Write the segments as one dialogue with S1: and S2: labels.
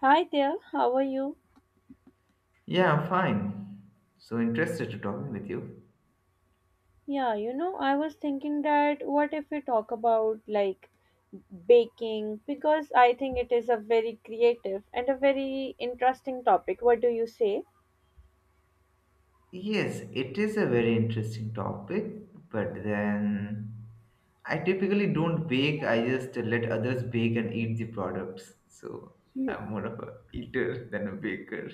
S1: Hi there, how are you?
S2: Yeah, I'm fine. So interested to talking with you.
S1: I was thinking that what if we talk about like baking because I think it is a very creative and a very interesting topic. What do you say?
S2: Yes, it is a very interesting topic, but then I typically don't bake. I just let others bake and eat the products. So I'm more of a eater than a baker.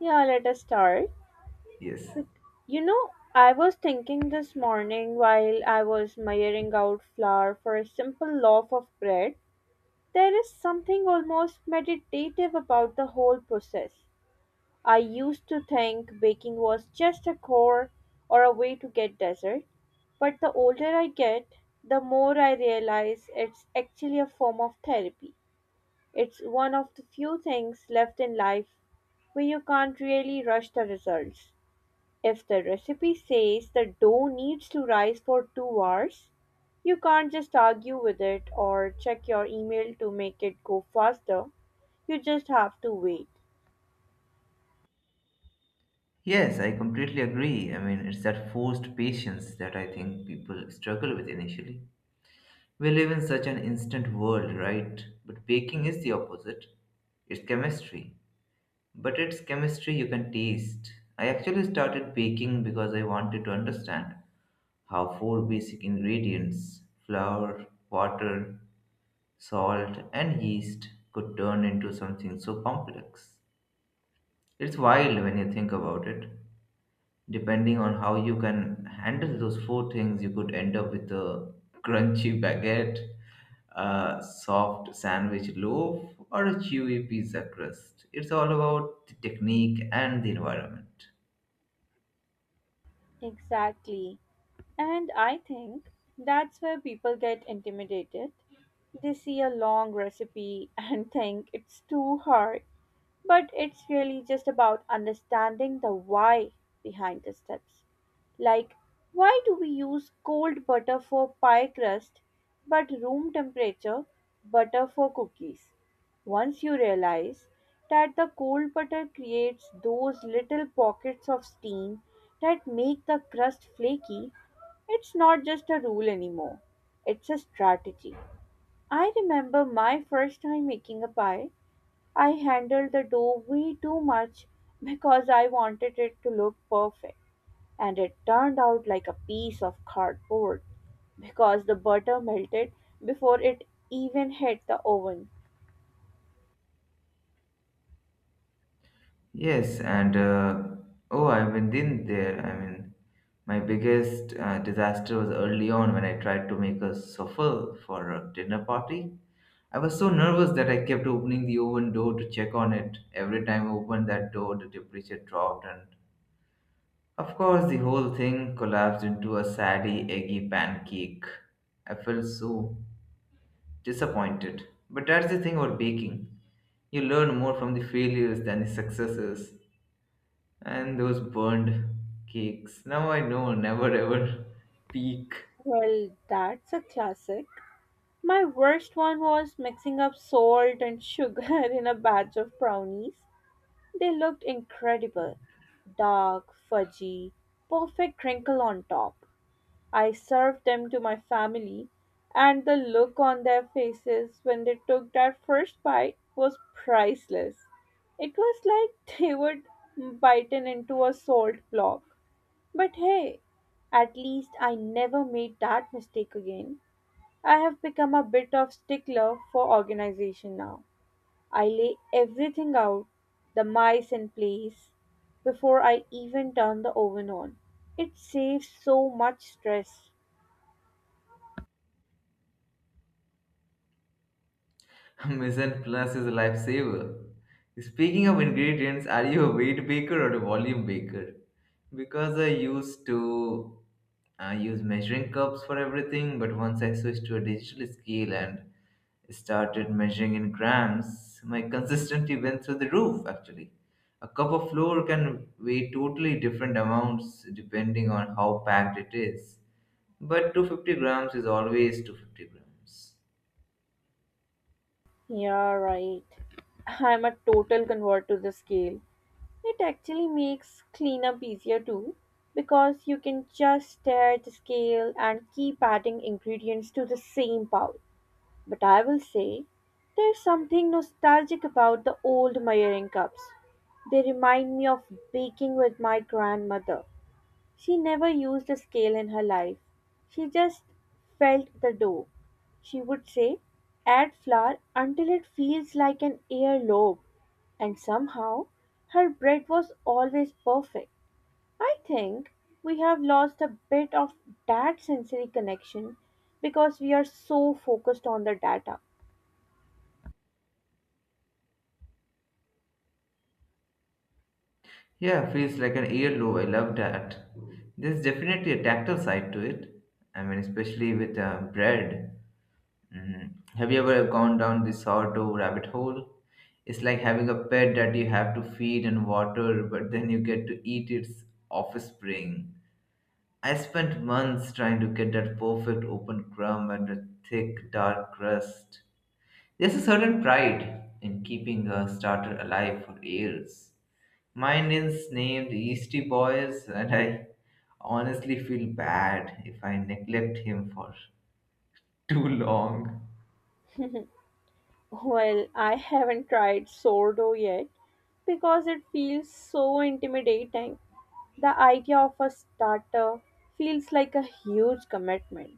S1: Yeah, let us start.
S2: Yes.
S1: I was thinking this morning while I was measuring out flour for a simple loaf of bread. There is something almost meditative about the whole process. I used to think baking was just a chore or a way to get dessert, but the older I get, the more I realize it's actually a form of therapy. It's one of the few things left in life where you can't really rush the results. If the recipe says the dough needs to rise for 2 hours, you can't just argue with it or check your email to make it go faster. You just have to wait.
S2: Yes, I completely agree. I mean, it's that forced patience that I think people struggle with initially. We live in such an instant world, right? But baking is the opposite. It's chemistry. But it's chemistry you can taste. I actually started baking because I wanted to understand how four basic ingredients flour, water, salt, and yeast could turn into something so complex. It's wild when you think about it. Depending on how you can handle those four things, you could end up with a crunchy baguette, a soft sandwich loaf, or a chewy pizza crust. It's all about the technique and the environment.
S1: Exactly. And I think that's where people get intimidated. They see a long recipe and think it's too hard. But it's really just about understanding the why behind the steps. Like, why do we use cold butter for pie crust but room temperature butter for cookies? Once you realize that the cold butter creates those little pockets of steam that make the crust flaky, it's not just a rule anymore, it's a strategy. I remember my first time making a pie. I handled the dough way too much because I wanted it to look perfect, and it turned out like a piece of cardboard because the butter melted before it even hit the oven.
S2: Yes, and oh, I've been in there. I mean, my biggest disaster was early on when I tried to make a souffle for a dinner party. I was so nervous that I kept opening the oven door to check on it. Every time I opened that door, the temperature dropped, and of course, the whole thing collapsed into a saddy, eggy pancake. I felt so disappointed. But that's the thing about baking: you learn more from the failures than the successes. And those burned cakes. Now I know never ever peak.
S1: Well, that's a classic. My worst one was mixing up salt and sugar in a batch of brownies. They looked incredible dark, fudgy, perfect crinkle on top. I served them to my family, and the look on their faces when they took that first bite was priceless. It was like they were bitten into a salt block. But hey, at least I never made that mistake again. I have become a bit of stickler for organization now. I lay everything out, the mice in place, before I even turn the oven on. It saves so much stress.
S2: Mizzen Plus is a lifesaver. Speaking of ingredients, are you a weight baker or a volume baker? Because I use measuring cups for everything, but once I switched to a digital scale and started measuring in grams, my consistency went through the roof actually. A cup of flour can weigh totally different amounts depending on how packed it is. But 250 grams is always 250 grams.
S1: Yeah, right. I'm a total convert to the scale. It actually makes cleanup easier too, because you can just stare at the scale and keep adding ingredients to the same bowl. But I will say, there's something nostalgic about the old measuring cups. They remind me of baking with my grandmother. She never used a scale in her life. She just felt the dough. She would say, add flour until it feels like an earlobe. And somehow, her bread was always perfect. I think we have lost a bit of that sensory connection because we are so focused on the data.
S2: Yeah, feels like an earlobe. I love that. There's definitely a tactile side to it. I mean, especially with bread. Mm. Have you ever gone down the sourdough rabbit hole? It's like having a pet that you have to feed and water, but then you get to eat its offspring. I spent months trying to get that perfect open crumb and a thick, dark crust. There's a certain pride in keeping a starter alive for years. Mine is named Easty Boys, and I honestly feel bad if I neglect him for too long.
S1: Well, I haven't tried sourdough yet because it feels so intimidating. The idea of a starter feels like a huge commitment.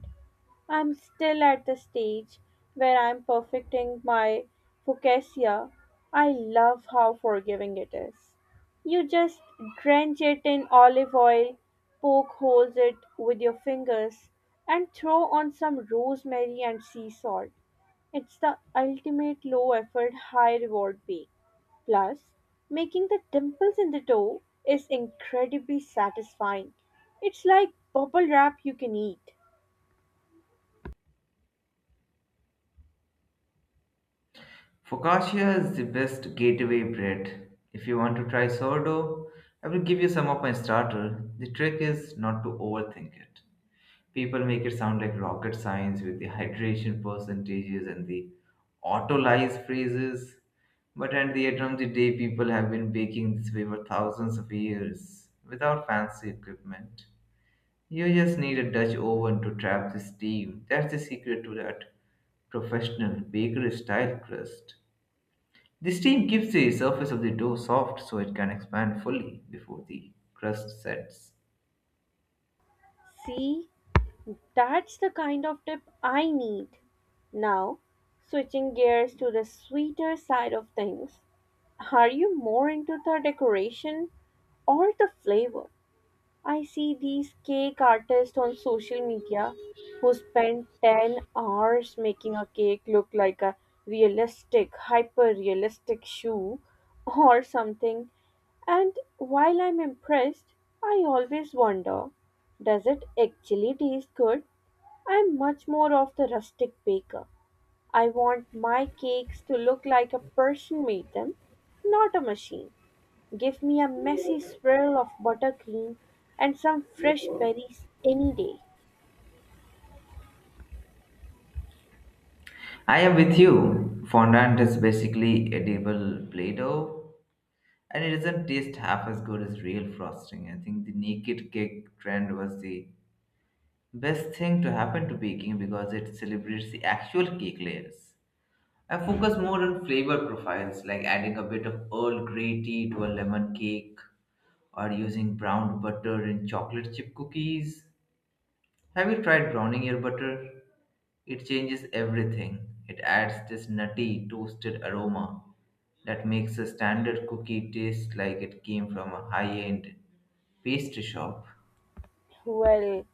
S1: I'm still at the stage where I'm perfecting my focaccia. I love how forgiving it is. You just drench it in olive oil, poke holes it with your fingers, and throw on some rosemary and sea salt. It's the ultimate low effort, high reward bake. Plus, making the dimples in the dough is incredibly satisfying. It's like bubble wrap you can eat.
S2: Focaccia is the best gateway bread. If you want to try sourdough, I will give you some of my starter. The trick is not to overthink it. People make it sound like rocket science with the hydration percentages and the autolyse phrases. But at the end of the day, people have been baking this way for thousands of years without fancy equipment. You just need a Dutch oven to trap the steam. That's the secret to that professional bakery style crust. The steam keeps the surface of the dough soft so it can expand fully before the crust sets.
S1: See, that's the kind of tip I need. Now, switching gears to the sweeter side of things, are you more into the decoration or the flavor? I see these cake artists on social media who spend 10 hours making a cake look like a realistic, hyper realistic shoe or something. And while I'm impressed, I always wonder does it actually taste good? I'm much more of the rustic baker. I want my cakes to look like a person made them, not a machine. Give me a messy swirl of buttercream and some fresh berries any day.
S2: I am with you. Fondant is basically edible Play-Doh, and it doesn't taste half as good as real frosting. I think the naked cake trend was the best thing to happen to baking because it celebrates the actual cake layers. I focus more on flavor profiles, like adding a bit of Earl Grey tea to a lemon cake, or using browned butter in chocolate chip cookies. Have you tried browning your butter? It changes everything. It adds this nutty, toasted aroma that makes a standard cookie taste like it came from a high end pastry shop.
S1: Well,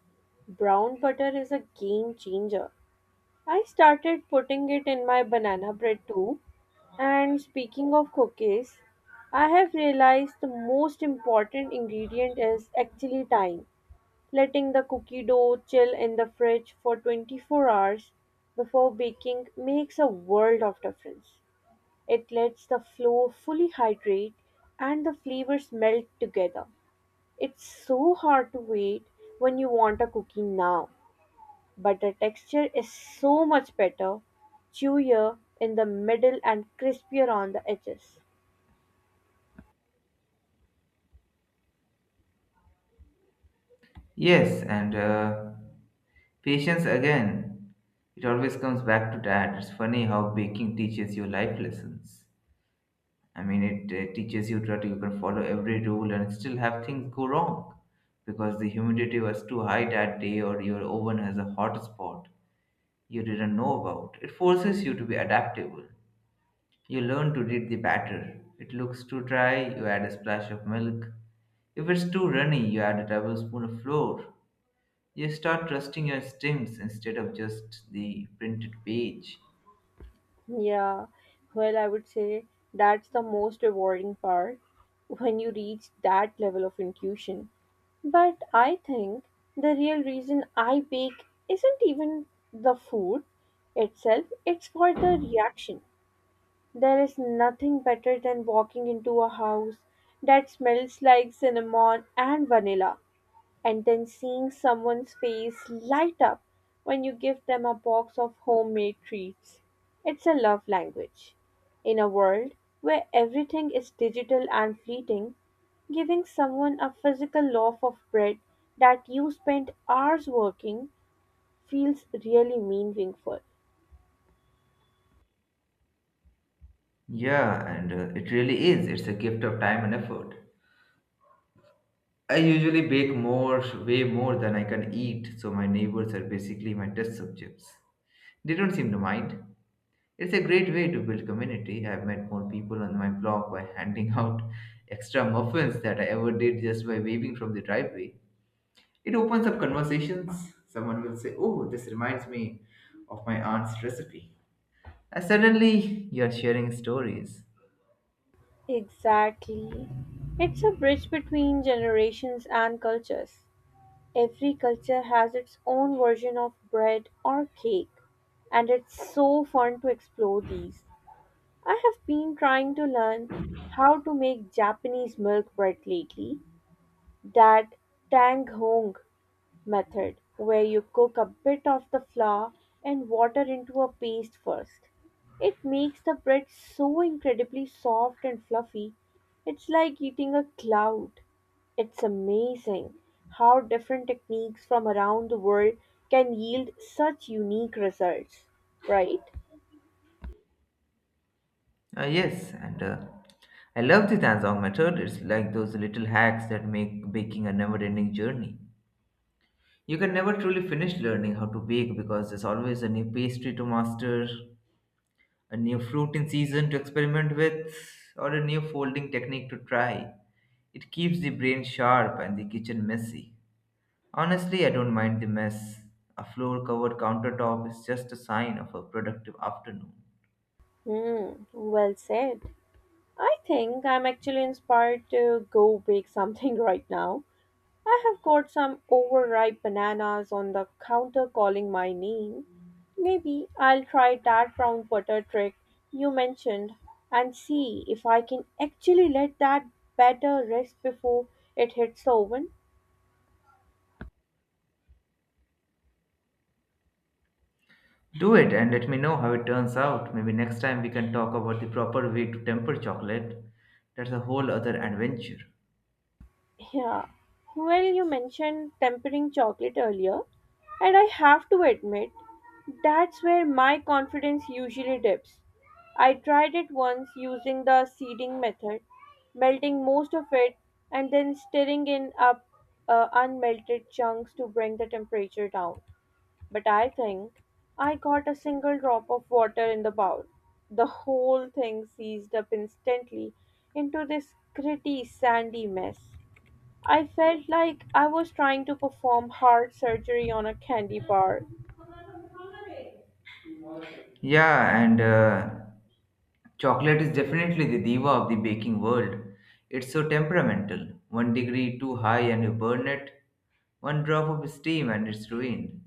S1: brown butter is a game changer. I started putting it in my banana bread too. And speaking of cookies, I have realized the most important ingredient is actually time. Letting the cookie dough chill in the fridge for 24 hours before baking makes a world of difference. It lets the flour fully hydrate and the flavors melt together. It's so hard to wait when you want a cookie now, but the texture is so much better, chewier in the middle and crispier on the edges.
S2: Yes, and patience again. It always comes back to that. It's funny how baking teaches you life lessons. I mean, it teaches you that you can follow every rule and still have things go wrong because the humidity was too high that day or your oven has a hot spot you didn't know about. It forces you to be adaptable. You learn to read the batter. It looks too dry, you add a splash of milk. If it's too runny, you add a tablespoon of flour. You start trusting your instincts instead of just the printed page.
S1: Yeah, well, I would say that's the most rewarding part when you reach that level of intuition. But I think the real reason I bake isn't even the food itself, it's for the reaction. There is nothing better than walking into a house that smells like cinnamon and vanilla and then seeing someone's face light up when you give them a box of homemade treats. It's a love language. In a world where everything is digital and fleeting, giving someone a physical loaf of bread that you spent hours working feels really meaningful.
S2: Yeah, and it really is. It's a gift of time and effort. I usually bake more, way more than I can eat, so my neighbors are basically my test subjects. They don't seem to mind. It's a great way to build community. I've met more people on my block by handing out extra muffins that I ever did just by waving from the driveway. It opens up conversations. Someone will say, "Oh, this reminds me of my aunt's recipe." And suddenly, you're sharing stories.
S1: Exactly. It's a bridge between generations and cultures. Every culture has its own version of bread or cake, and it's so fun to explore these. I have been trying to learn how to make Japanese milk bread lately. That tang hong method, where you cook a bit of the flour and water into a paste first. It makes the bread so incredibly soft and fluffy, it's like eating a cloud. It's amazing how different techniques from around the world can yield such unique results, right?
S2: Ah yes, and I love the Tanzong method. It's like those little hacks that make baking a never ending journey. You can never truly finish learning how to bake because there's always a new pastry to master, a new fruit in season to experiment with, or a new folding technique to try. It keeps the brain sharp and the kitchen messy. Honestly, I don't mind the mess. A floor covered countertop is just a sign of a productive afternoon.
S1: Hmm, well said. I think I'm actually inspired to go bake something right now. I have got some overripe bananas on the counter calling my name. Maybe I'll try that brown butter trick you mentioned and see if I can actually let that batter rest before it hits the oven.
S2: Do it and let me know how it turns out. Maybe next time we can talk about the proper way to temper chocolate. That's a whole other adventure.
S1: Yeah. Well, you mentioned tempering chocolate earlier, and I have to admit, that's where my confidence usually dips. I tried it once using the seeding method, melting most of it and then stirring in up unmelted chunks to bring the temperature down. But I think I got a single drop of water in the bowl. The whole thing seized up instantly into this gritty, sandy mess. I felt like I was trying to perform heart surgery on a candy bar.
S2: Yeah, and chocolate is definitely the diva of the baking world. It's so temperamental. One degree too high and you burn it, one drop of steam and it's ruined.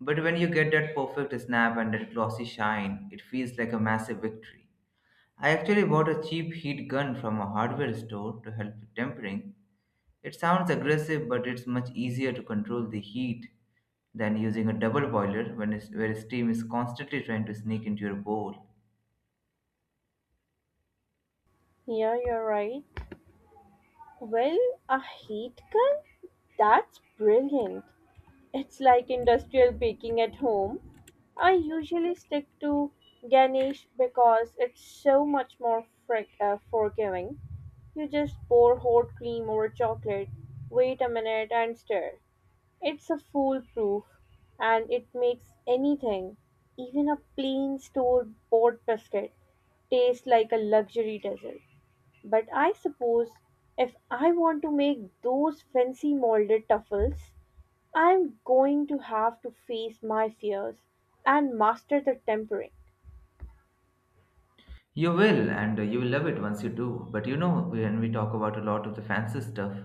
S2: But when you get that perfect snap and that glossy shine, it feels like a massive victory. I actually bought a cheap heat gun from a hardware store to help with tempering. It sounds aggressive, but it's much easier to control the heat than using a double boiler when where steam is constantly trying to sneak into your bowl.
S1: Yeah, you're right. Well, a heat gun? That's brilliant. It's like industrial baking at home. I usually stick to Ganesh because it's so much more forgiving. You just pour hot cream over chocolate, wait a minute, and stir. It's a foolproof and it makes anything, even a plain store bought biscuit, taste like a luxury dessert. But I suppose if I want to make those fancy molded truffles, I'm going to have to face my fears and master the tempering.
S2: You will, and you will love it once you do. But you know, when we talk about a lot of the fancy stuff,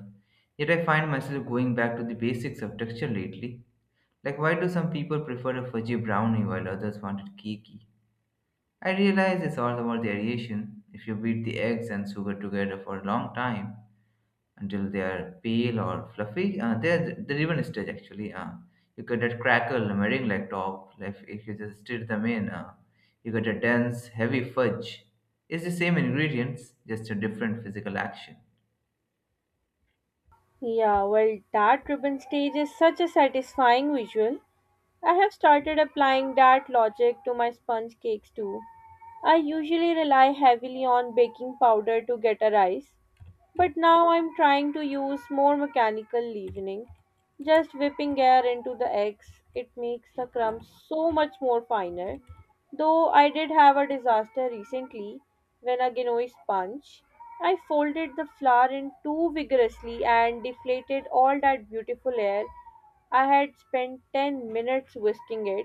S2: yet I find myself going back to the basics of texture lately. Like, why do some people prefer a fudgy brownie while others want it cakey? I realize it's all about the aeration. If you beat the eggs and sugar together for a long time until they are pale or fluffy, they're the ribbon stage actually. You get that crackle, meringue like top. Like if you just stir them in, you get a dense, heavy fudge. It's the same ingredients, just a different physical action.
S1: Yeah, well, that ribbon stage is such a satisfying visual. I have started applying that logic to my sponge cakes too. I usually rely heavily on baking powder to get a rise, but now I'm trying to use more mechanical leavening, just whipping air into the eggs. It makes the crumbs so much more finer. Though I did have a disaster recently when a Genoese sponge, I folded the flour in too vigorously and deflated all that beautiful air. I had spent 10 minutes whisking it,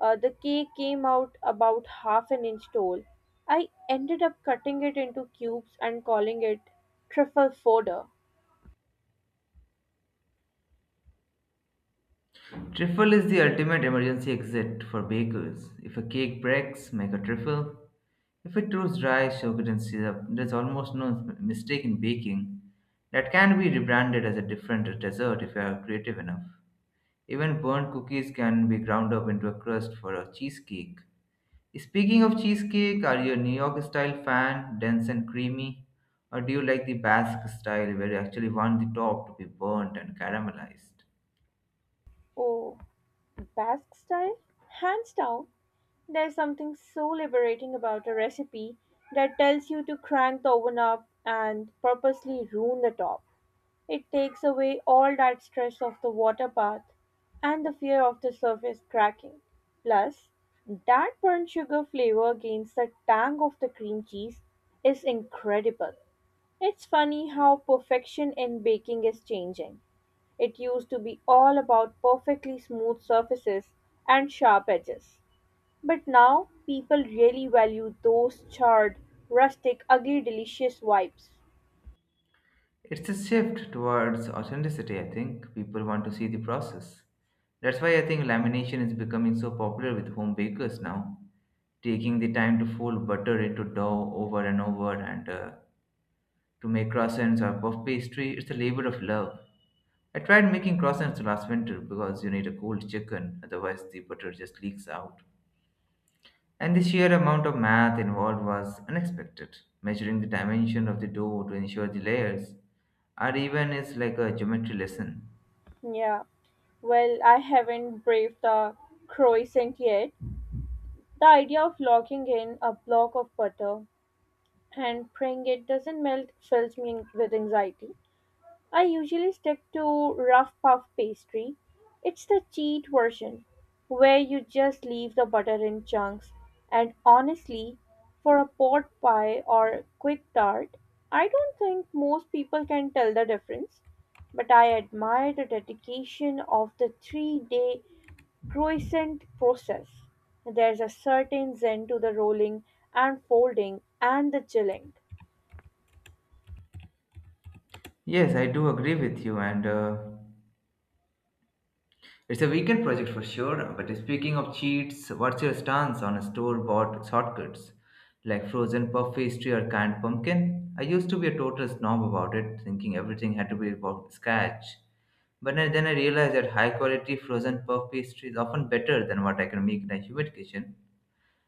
S1: uh, the cake came out about half an inch tall. I ended up cutting it into cubes and calling it truffle fodder.
S2: Trifle is the ultimate emergency exit for bakers. If a cake breaks, make a trifle. If it proves dry, sugar, and syrup, there's almost no mistake in baking that can be rebranded as a different dessert if you are creative enough. Even burnt cookies can be ground up into a crust for a cheesecake. Speaking of cheesecake, are you a New York style fan, dense and creamy? Or do you like the Basque style where you actually want the top to be burnt and caramelized?
S1: Oh, Basque style? Hands down, there's something so liberating about a recipe that tells you to crank the oven up and purposely ruin the top. It takes away all that stress of the water bath and the fear of the surface cracking. Plus, that burnt sugar flavor against the tang of the cream cheese is incredible. It's funny how perfection in baking is changing. It used to be all about perfectly smooth surfaces and sharp edges. But now people really value those charred, rustic, ugly, delicious vibes.
S2: It's a shift towards authenticity, I think. People want to see the process. That's why I think lamination is becoming so popular with home bakers now. Taking the time to fold butter into dough over and over and to make croissants or puff pastry, it's a labor of love. I tried making croissants last winter because you need a cold chicken, otherwise, the butter just leaks out. And the sheer amount of math involved was unexpected. Measuring the dimension of the door to ensure the layers are even is like a geometry lesson.
S1: Yeah. Well, I haven't braved the croissant yet. The idea of locking in a block of butter and praying it doesn't melt fills me with anxiety. I usually stick to rough puff pastry. It's the cheat version, where you just leave the butter in chunks. And honestly, for a pot pie or quick tart, I don't think most people can tell the difference. But I admire the dedication of the three-day croissant process. There's a certain zen to the rolling and folding and the chilling.
S2: Yes, I do agree with you, and it's a weekend project for sure. But speaking of cheats, what's your stance on store bought shortcuts like frozen puff pastry or canned pumpkin? I used to be a total snob about it, thinking everything had to be about scratch. Then I realized that high quality frozen puff pastry is often better than what I can make in a humid kitchen.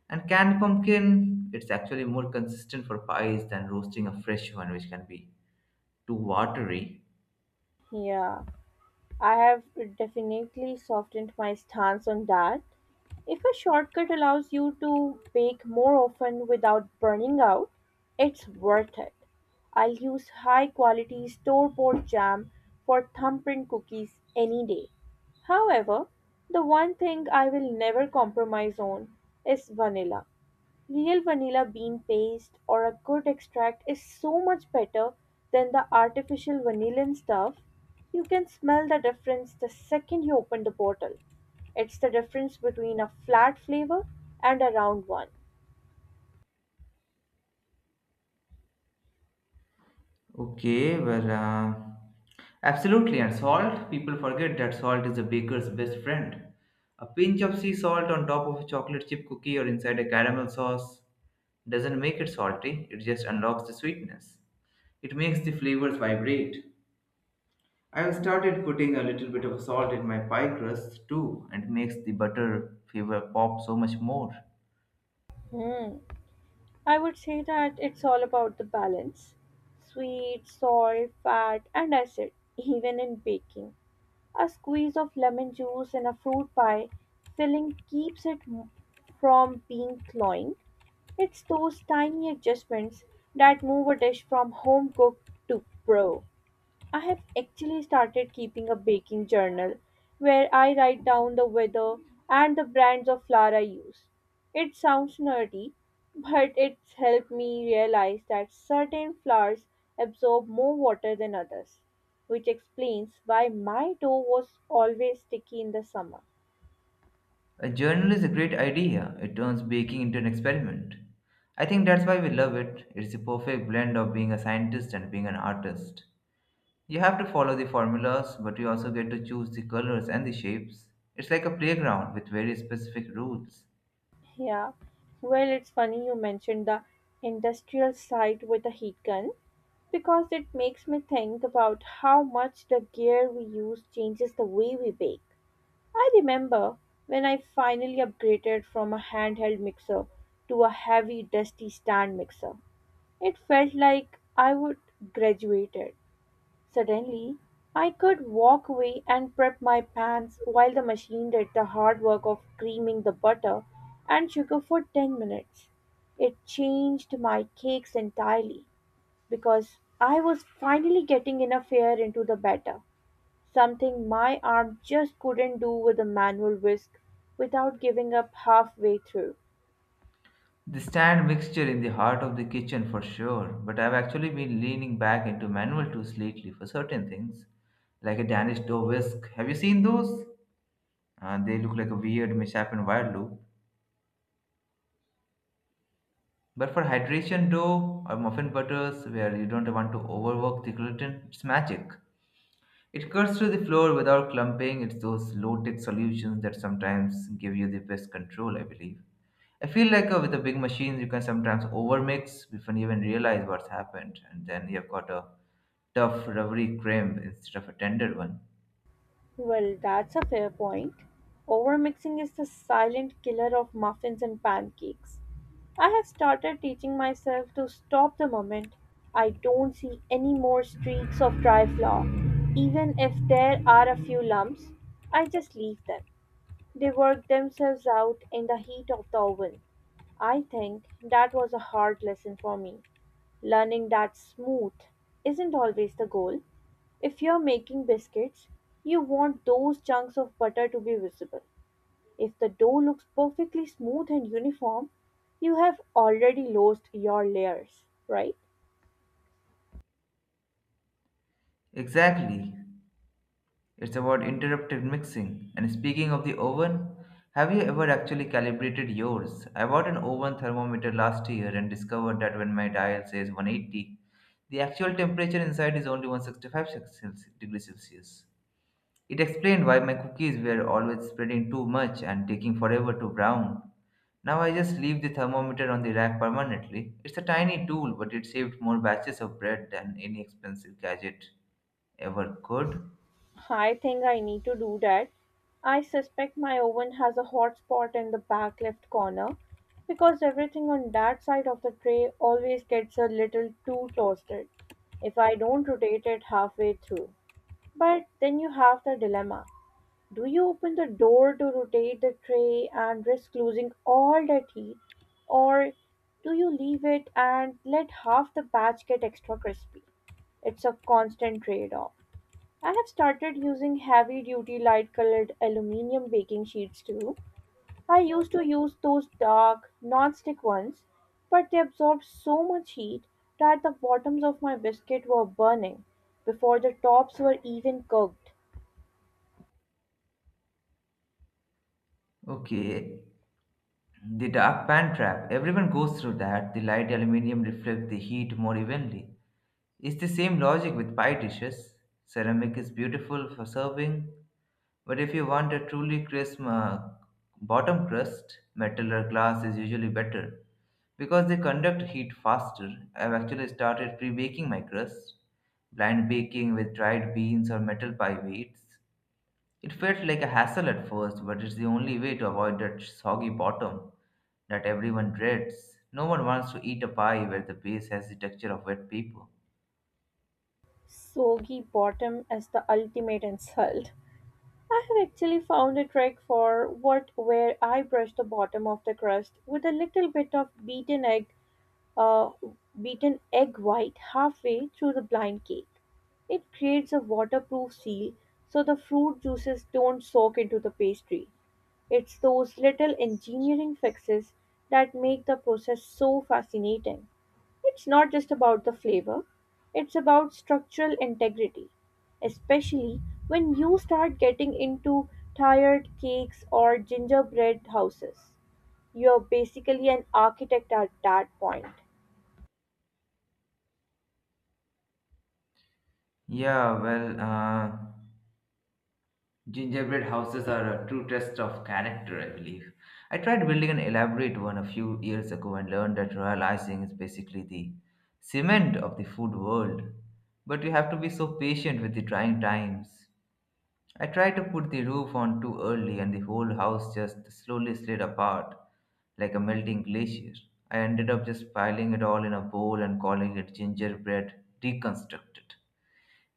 S2: And canned pumpkin, it's actually more consistent for pies than roasting a fresh one, which can be too watery.
S1: Yeah. I have definitely softened my stance on that. If a shortcut allows you to bake more often without burning out, it's worth it. I'll use high quality store bought jam for thumbprint cookies any day. However, the one thing I will never compromise on is vanilla. Real vanilla bean paste or a good extract is so much better than the artificial vanillin stuff. You can smell the difference the second you open the bottle. It's the difference between a flat flavor and a round one.
S2: Okay, well, absolutely. And salt, people forget that salt is a baker's best friend. A pinch of sea salt on top of a chocolate chip cookie or inside a caramel sauce doesn't make it salty, it just unlocks the sweetness. It makes the flavors vibrate. I've started putting a little bit of salt in my pie crust too, and it makes the butter flavor pop so much more.
S1: Hmm. I would say that it's all about the balance: sweet, salt, fat, and acid, even in baking. A squeeze of lemon juice in a fruit pie filling from being cloying. It's those tiny adjustments that move a dish from home cooked to pro. I have actually started keeping a baking journal where I write down the weather and the brands of flour I use. It sounds nerdy, but it's helped me realize that certain flours absorb more water than others, which explains why my dough was always sticky in the summer.
S2: A journal is a great idea. It turns baking into an experiment. I think that's why we love it. It's a perfect blend of being a scientist and being an artist. You have to follow the formulas, but you also get to choose the colors and the shapes. It's like a playground with very specific rules.
S1: Yeah. Well, it's funny you mentioned the industrial site with the heat gun because it makes me think about how much the gear we use changes the way we bake. I remember when I finally upgraded from a handheld mixer to a heavy, dusty stand mixer. It felt like I would graduated. Suddenly, I could walk away and prep my pans while the machine did the hard work of creaming the butter and sugar for 10 minutes. It changed my cakes entirely because I was finally getting enough air into the batter, something my arm just couldn't do with a manual whisk without giving up halfway through.
S2: The stand mixture in the heart of the kitchen for sure, but I've actually been leaning back into manual tools lately for certain things, like a Danish dough whisk. Have you seen those? They look like a weird mishap in wire loop. But for hydration dough or muffin butters, where you don't want to overwork the gluten, it's magic. It cuts through the flour without clumping. It's those low tech solutions that sometimes give you the best control, I believe. I feel like with the big machines, you can sometimes overmix before you even realize what's happened, and then you've got a tough, rubbery cream instead of a tender one.
S1: Well, that's a fair point. Overmixing is the silent killer of muffins and pancakes. I have started teaching myself to stop the moment I don't see any more streaks of dry flour. Even if there are a few lumps, I just leave them. They work themselves out in the heat of the oven. I think that was a hard lesson for me. Learning that smooth isn't always the goal. If you're making biscuits, you want those chunks of butter to be visible. If the dough looks perfectly smooth and uniform, you have already lost your layers, right?
S2: Exactly. It's about interrupted mixing. And speaking of the oven, have you ever actually calibrated yours? I bought an oven thermometer last year and discovered that when my dial says 180, the actual temperature inside is only degrees Celsius. It explained why my cookies were always spreading too much and taking forever to brown. Now I just leave the thermometer on the rack permanently. It's a tiny tool, but it saved more batches of bread than any expensive gadget ever could.
S1: I think I need to do that. I suspect my oven has a hot spot in the back left corner because everything on that side of the tray always gets a little too toasted if I don't rotate it halfway through. But then you have the dilemma. Do you open the door to rotate the tray and risk losing all the tea? Or do you leave it and let half the batch get extra crispy? It's a constant trade off. I have started using heavy duty light colored aluminium baking sheets too. I used to use those dark non-stick ones, but they absorbed so much heat that the bottoms of my biscuit were burning before the tops were even cooked.
S2: Okay, the dark pan trap. Everyone goes through that. The light aluminium reflects the heat more evenly. It's the same logic with pie dishes. Ceramic is beautiful for serving, but if you want a truly crisp bottom crust, metal or glass is usually better because they conduct heat faster. I've actually started pre baking my crust, blind baking with dried beans or metal pie weights. It felt like a hassle at first, but it's the only way to avoid that soggy bottom that everyone dreads. No one wants to eat a pie where the base has the texture of wet paper.
S1: Soggy bottom as the ultimate insult. I have actually found a trick for what where I brush the bottom of the crust with a little bit of uh, beaten egg white halfway through the blind cake. It creates a waterproof seal so the fruit juices don't soak into the pastry. It's those little engineering fixes that make the process so fascinating. It's not just about the flavor, it's about structural integrity, especially when you start getting into tired cakes or gingerbread houses. You're basically an architect at that point.
S2: Yeah, well, gingerbread houses are a true test of character, I believe. I tried building an elaborate one a few years ago and learned that royal icing is basically the cement of the food world. But you have to be so patient with the trying times. I tried to put the roof on too early and the whole house just slowly slid apart like a melting glacier. I ended up just piling it all in a bowl and calling it gingerbread deconstructed.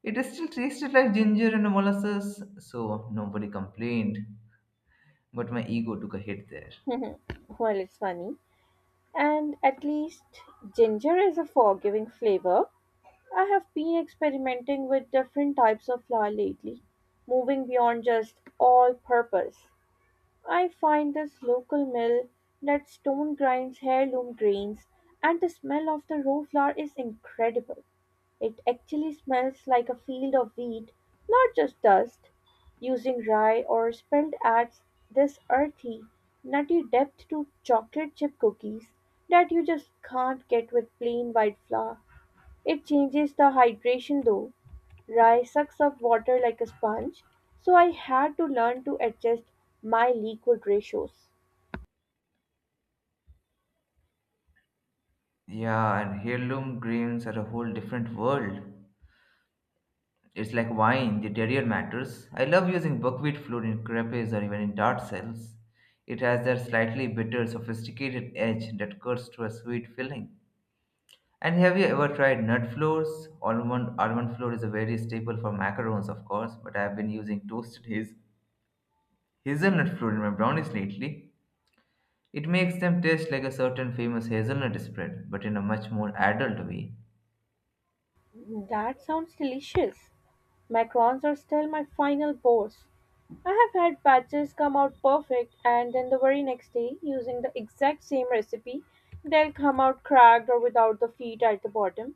S2: It still tasted like ginger and molasses, so nobody complained. But my ego took a hit there.
S1: Well, it's funny. And at least ginger is a forgiving flavor. I have been experimenting with different types of flour lately, moving beyond just all purpose. I find this local mill that stone grinds heirloom grains, and the smell of the raw flour is incredible. It actually smells like a field of wheat, not just dust. Using rye or spelt adds this earthy, nutty depth to chocolate chip cookies that you just can't get with plain white flour. It changes the hydration though. Rye sucks up water like a sponge, so I had to learn to adjust my liquid ratios.
S2: Yeah, and heirloom grains are a whole different world. It's like wine, the terrier matters. I love using buckwheat flour in crepes or even in tart cells. It has that slightly bitter, sophisticated edge that cuts to a sweet filling. And have you ever tried nut flours? Almond flour is a very staple for macarons, of course, but I have been using toasted hazelnut flour in my brownies lately. It makes them taste like a certain famous hazelnut spread, but in a much more adult way.
S1: That sounds delicious. Macarons are still my final boss. I have had batches come out perfect, and then the very next day, using the exact same recipe, they'll come out cracked or without the feet at the bottom.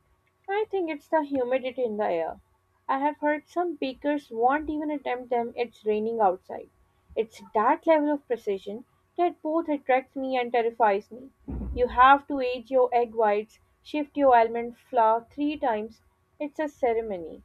S1: I think it's the humidity in the air. I have heard some bakers won't even attempt them it's raining outside. It's that level of precision that both attracts me and terrifies me. You have to age your egg whites, shift your almond flour 3 times. It's a ceremony.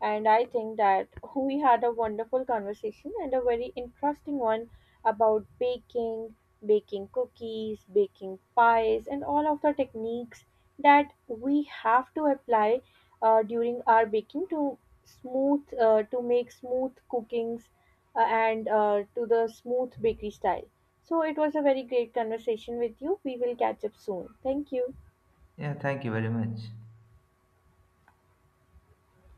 S1: And I think that we had a wonderful conversation and a very interesting one about baking, baking cookies, baking pies, and all of the techniques that we have to apply during our baking to smooth to make smooth cookings and to the smooth bakery style. So it was a very great conversation with you. We will catch up soon. Thank you.
S2: Yeah, thank you very much.